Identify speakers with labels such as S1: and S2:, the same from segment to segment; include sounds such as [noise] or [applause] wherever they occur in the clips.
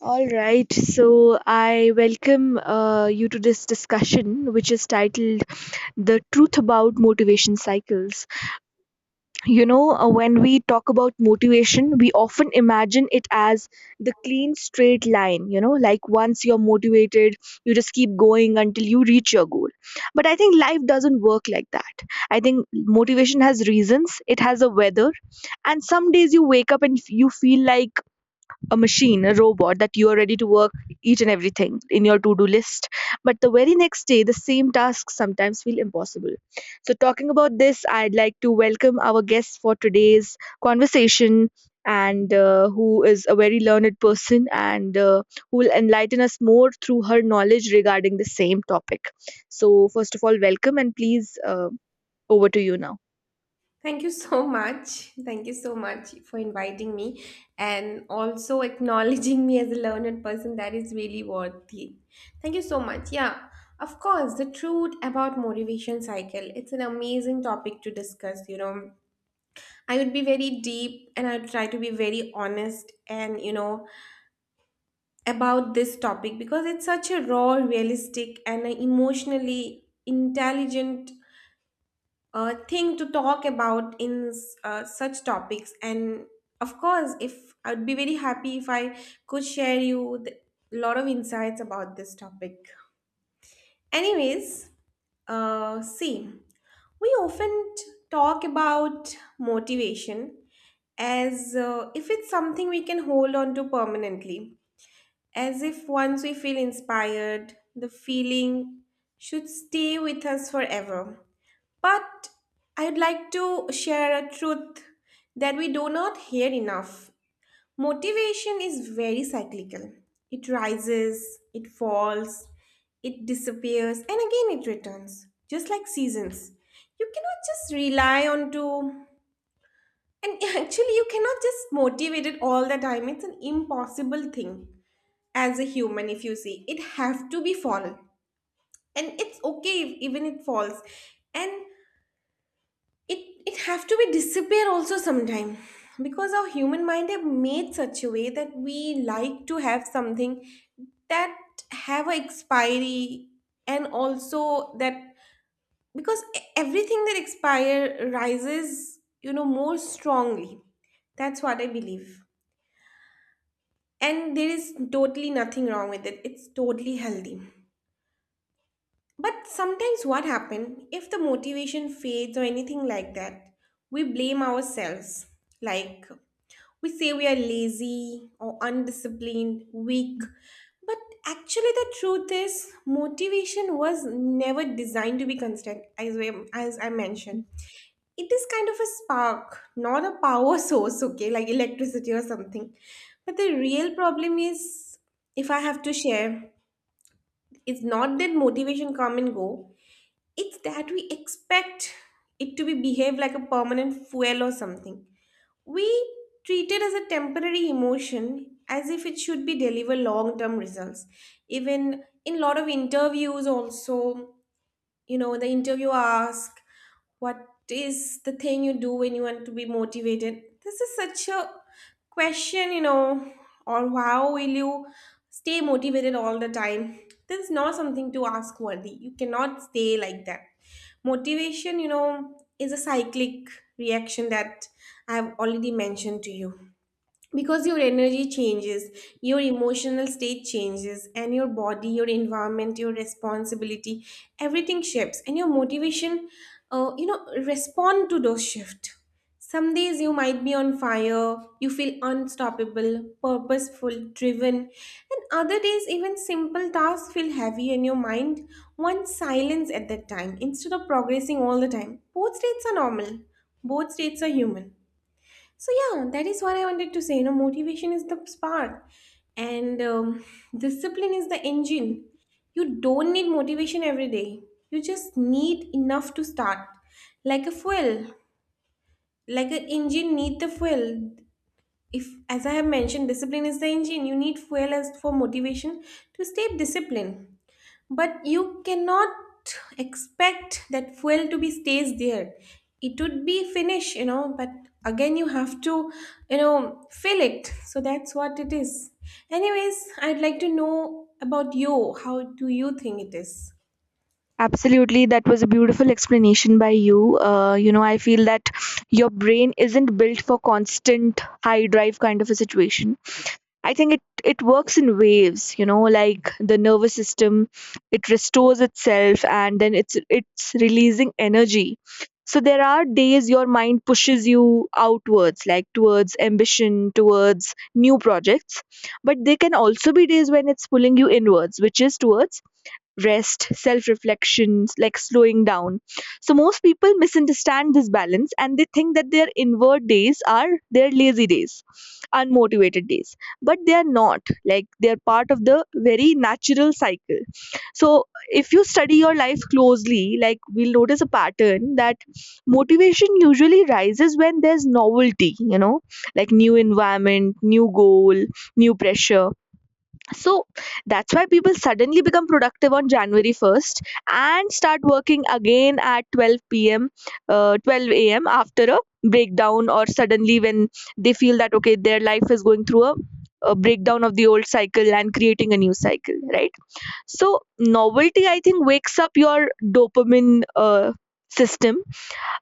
S1: All right, so I welcome you to this discussion, which is titled The Truth About Motivation Cycles. When we talk about motivation, we often imagine it as the clean, straight line, you know, like once you're motivated, you just keep going until you reach your goal. But I think life doesn't work like that. I think motivation has reasons, it has a weather, and some days you wake up and you feel like a machine, a robot that you are ready to work each and everything in your to do list. But the very next day, the same tasks sometimes feel impossible. So, talking about this, I'd like to welcome our guest for today's conversation and who is a very learned person and who will enlighten us more through her knowledge regarding the same topic. So, first of all, welcome and please over to you now.
S2: Thank you so much. Thank you so much for inviting me and also acknowledging me as a learned person. That is really worthy. Thank you so much. Yeah, of course, the truth about motivation cycle. It's an amazing topic to discuss, you know. I would be very deep and I would try to be very honest and, you know, about this topic because it's such a raw, realistic and a emotionally intelligent thing to talk about in such topics, and of course if I'd be very happy if I could share you a lot of insights about this topic. Anyways, see, we often talk about motivation as if it's something we can hold on to permanently, as if once we feel inspired the feeling should stay with us forever. But I'd like to share a truth that we do not hear enough. Motivation is very cyclical. It rises, it falls, it disappears, and again it returns, just like seasons. You cannot just rely on to, and [laughs] actually you cannot just motivate it all the time. It's an impossible thing as a human if you see. It have to be fall. And it's okay if even it falls. And it have to be disappear also sometime, because our human mind have made such a way that we like to have something that have a expiry, and also that because everything that expire rises, you know, more strongly. That's what I believe, and there is totally nothing wrong with it, it's totally healthy. But sometimes what happen if the motivation fades or anything like that, we blame ourselves, like, we say we are lazy or undisciplined, weak. But actually, the truth is, motivation was never designed to be constant, as, we, as I mentioned. It is kind of a spark, not a power [laughs] source, okay, like electricity or something. But the real problem is, if I have to share, it's not that motivation come and go, it's that we expect it to be behave like a permanent fuel or something. We treat it as a temporary emotion as if it should be deliver long term results. Even in lot of interviews also, you know, the interview asks, what is the thing you do when you want to be motivated? This is such a question, you know. Or how will you stay motivated all the time? This is not something to ask worthy, you cannot stay like that. Motivation, you know, is a cyclic reaction that I have already mentioned to you, because your energy changes, your emotional state changes, and your body, your environment, your responsibility, everything shifts, and your motivation, you know, respond to those shifts. Some days you might be on fire, you feel unstoppable, purposeful, driven, and other days even simple tasks feel heavy and your mind wants silence at that time. Instead of progressing all the time, both states are normal, both states are human. So yeah, that is what I wanted to say. You know, motivation is the spark, and discipline is the engine. You don't need motivation every day. You just need enough to start, like a fuel, like an engine need the fuel. If, as I have mentioned, discipline is the engine. You need fuel as for motivation to stay disciplined, but you cannot expect that fuel to be stays there, it would be finished, you know. But again you have to, you know, fill it. So that's what it is. Anyways, I'd like to know about you, how do you think it is?
S1: Absolutely, that was a beautiful explanation by you. You know, I feel that your brain isn't built for constant high drive kind of a situation. I think it works in waves. You know, like the nervous system, it restores itself and then it's releasing energy. So there are days your mind pushes you outwards, like towards ambition, towards new projects. But there can also be days when it's pulling you inwards, which is towards rest, self reflections, like slowing down. So, most people misunderstand this balance and they think that their inward days are their lazy days, unmotivated days. But they are not. Like, they are part of the very natural cycle. So, if you study your life closely, like, we'll notice a pattern that motivation usually rises when there's novelty, you know, like new environment, new goal, new pressure, so that's why people suddenly become productive on January 1st and start working again at 12 p.m., 12 a.m. after a breakdown, or suddenly when they feel that, okay, their life is going through a breakdown of the old cycle and creating a new cycle, right? So, novelty, I think, wakes up your dopamine system,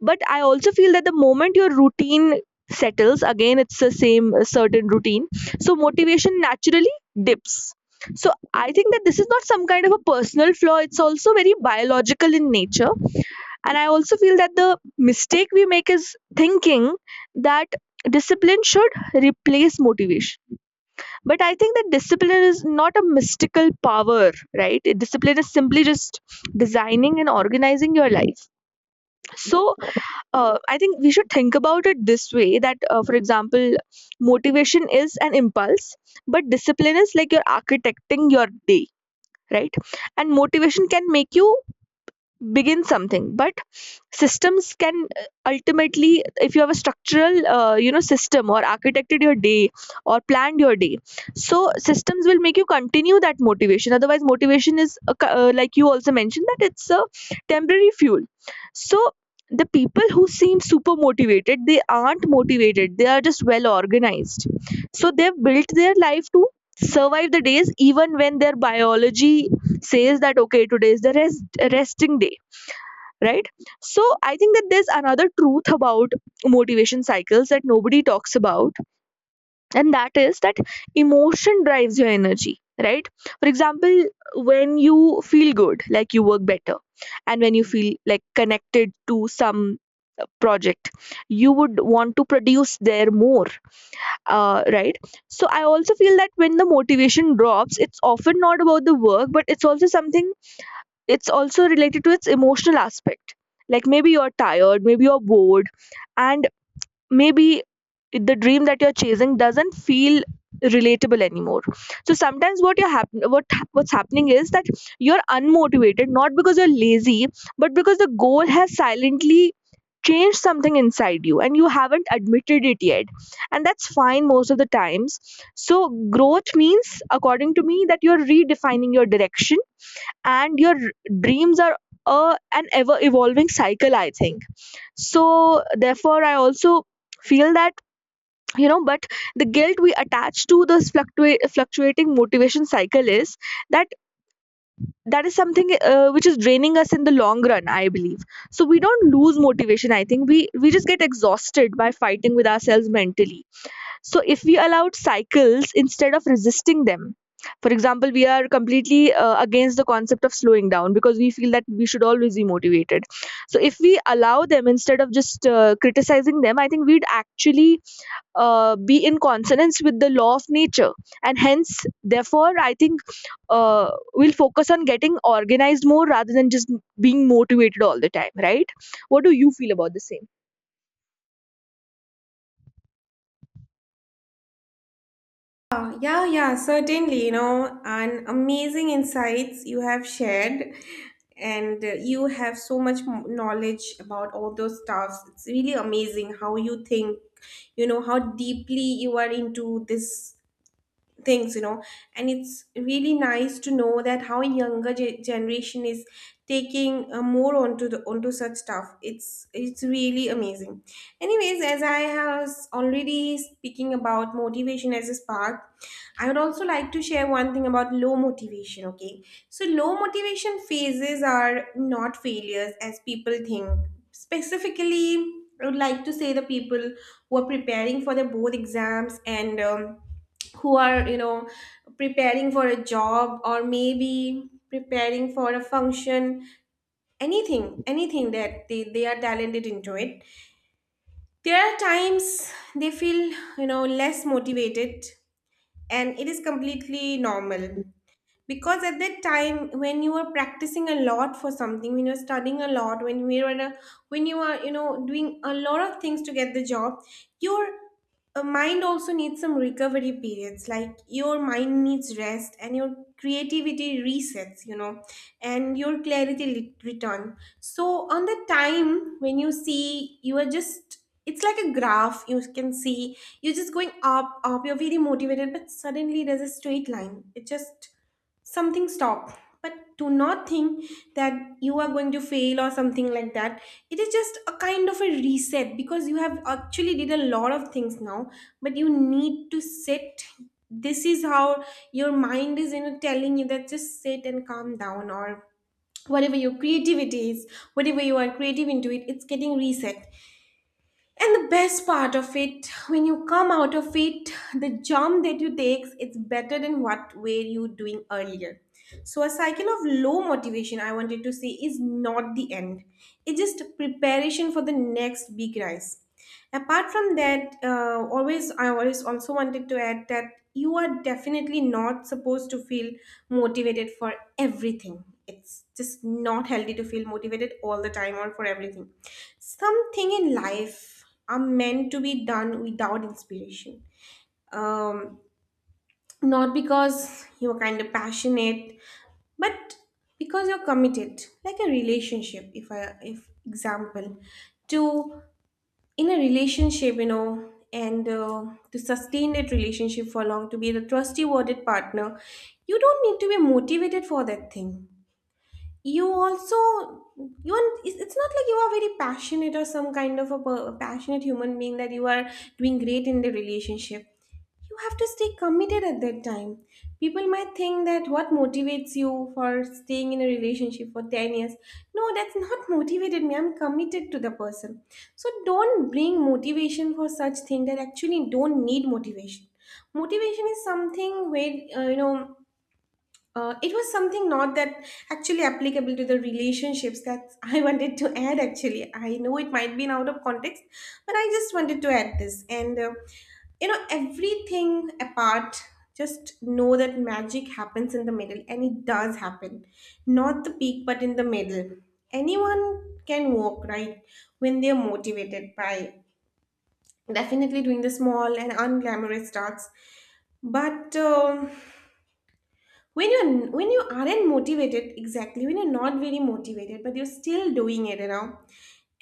S1: but I also feel that the moment your routine settles, again, it's the same certain routine. So motivation naturally dips. So I think that this is not some kind of a personal flaw. It's also very biological in nature. And I also feel that the mistake we make is thinking that discipline should replace motivation. But I think that discipline is not a mystical power, right? Discipline is simply just designing and organizing your life. So I think we should think about it this way that, for example, motivation is an impulse, but discipline is like you're architecting your day, right? And motivation can make you begin something, but systems can ultimately, if you have a structural you know system or architected your day or planned your day, so systems will make you continue that motivation. Otherwise motivation is like you also mentioned that it's a temporary fuel. So the people who seem super motivated, they aren't motivated, they are just well organized. So they've built their life to survive the days even when their biology says that okay, today is the resting day, right? So I think that there's another truth about motivation cycles that nobody talks about, and that is that emotion drives your energy, right? For example, when you feel good, like you work better, and when you feel like connected to some project, you would want to produce there more, right? So I also feel that when the motivation drops, it's often not about the work, but it's also something, it's also related to its emotional aspect. Like maybe you're tired, maybe you're bored, and maybe the dream that you're chasing doesn't feel relatable anymore. So sometimes what's happening is that you're unmotivated not because you're lazy, but because the goal has silently changed something inside you and you haven't admitted it yet. And that's fine most of the times. So growth means, according to me, that you're redefining your direction, and dreams are a an ever evolving cycle, I think. So therefore I also feel that, you know, but the guilt we attach to this fluctuating motivation cycle is that, that is something which is draining us in the long run, I believe. So we don't lose motivation, I think we just get exhausted by fighting with ourselves mentally. So if we allowed cycles instead of resisting them, for example, we are completely against the concept of slowing down because we feel that we should always be motivated. So if we allow them instead of just criticizing them, I think we'd actually be in consonance with the law of nature, and hence, therefore, I think we'll focus on getting organized more rather than just being motivated all the time. Right? What do you feel about the same?
S2: Ah, yeah, yeah, certainly, you know, and amazing insights you have shared, and you have so much knowledge about all those stuffs. It's really amazing how you think, you know, how deeply you are into this things, you know. And it's really nice to know that how younger generation is taking more onto the onto such stuff. It's really amazing. Anyways, as I was already speaking about motivation as a spark, I would also like to share one thing about low motivation, okay. So low motivation phases are not failures as people think. Specifically, I would like to say, the people who are preparing for their board exams, and who are, you know, preparing for a job, or maybe preparing for a function, anything, anything that they are talented into it, there are times they feel, you know, less motivated, and it is completely normal. Because at that time when you are practicing a lot for something, when you're studying a lot, when we are, when you are, you know, doing a lot of things to get the job, your mind also needs some recovery periods. Like your mind needs rest, and your creativity resets, you know, and your clarity return. So on the time when you see you are just, it's like a graph, you can see you're just going up up, you're very motivated, but suddenly there's a straight line, it just something stop. But do not think that you are going to fail or something like that. It is just a kind of a reset, because you have actually did a lot of things now, but you need to sit. This is how your mind is, you know, telling you that just sit and calm down, or whatever your creativity is, whatever you are creative into it, it's getting reset. And the best part of it, when you come out of it, the jump that you take, it's better than what were you doing earlier. So a cycle of low motivation, I wanted to say, is not the end. It's just preparation for the next big rise. Apart from that, always, I always also wanted to add that you are definitely not supposed to feel motivated for everything. It's just not healthy to feel motivated all the time or for everything. Something in life are meant to be done without inspiration, um, not because you're kind of passionate, but because you're committed. Like a relationship, if I, if example, to, in a relationship, you know, and to sustain that relationship for long, to be the trustee worded partner, you don't need to be motivated for that thing. You also, you are, it's not like you are very passionate or some kind of a passionate human being that you are doing great in the relationship. You have to stay committed at that time. People might think that what motivates you for staying in a relationship for 10 years? No, that's not [laughs] motivated me, I'm committed to the person. So don't bring motivation for such thing that actually don't need motivation. Motivation is something where you know, it was something not that actually applicable to the relationships that I [laughs] wanted to add. Actually, I know it might be out of context, but I just wanted to add this. And you know, everything apart, just know that magic happens in the middle, and it does happen, not the peak, but in the middle. Anyone can walk right when they're motivated, by definitely doing the small and unglamorous tasks. But, when you're, when you aren't motivated, exactly, when you're not very motivated but you're still doing it, you know,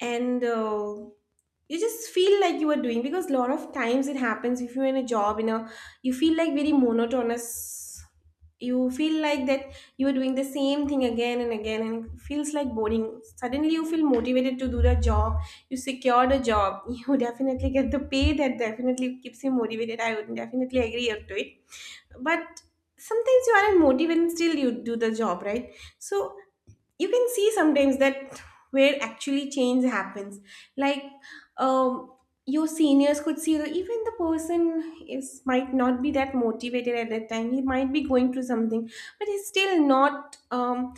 S2: and you just feel like you are doing, because a lot of times it happens, if you're in a job, you know, you feel like very monotonous, you feel like that you are doing the same thing again and again and it feels like boring. Suddenly you feel motivated to do the job, you secure the job, [laughs] you definitely get the pay, that definitely keeps you motivated, I would definitely agree up to it. But sometimes you aren't motivated and still you do the job, right? So you can see sometimes that where actually change happens. Like, um your seniors could see that even the person is might not be that motivated at that time, he might be going through something, but he's still not,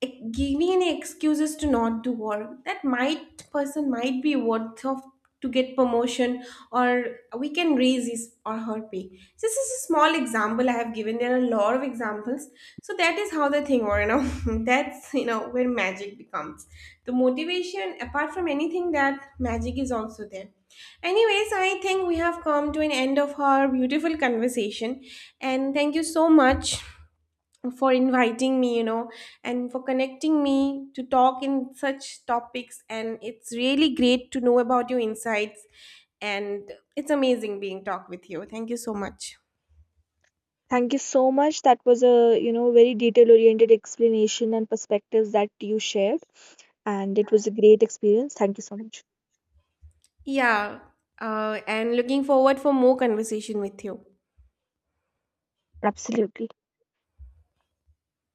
S2: giving any excuses to not do work. That might person might be worth of to get promotion, or we can raise his or her pay. This is a small example I have given, there are a lot of examples. So that is how the thing, or you know, [laughs] that's, you know, where magic becomes. The motivation apart from anything, that magic is also there. Anyways, I think we have come to an end of our beautiful conversation, and thank you so much for inviting me, you know, and for connecting me to talk in such topics. And it's really great to know about your insights, and it's amazing being talk with you. Thank you so much.
S1: Thank you so much. That was a, you know, very detail-oriented explanation and perspectives that you shared, and it was a great experience. Thank you so much.
S2: Yeah, and looking forward for more conversation with you.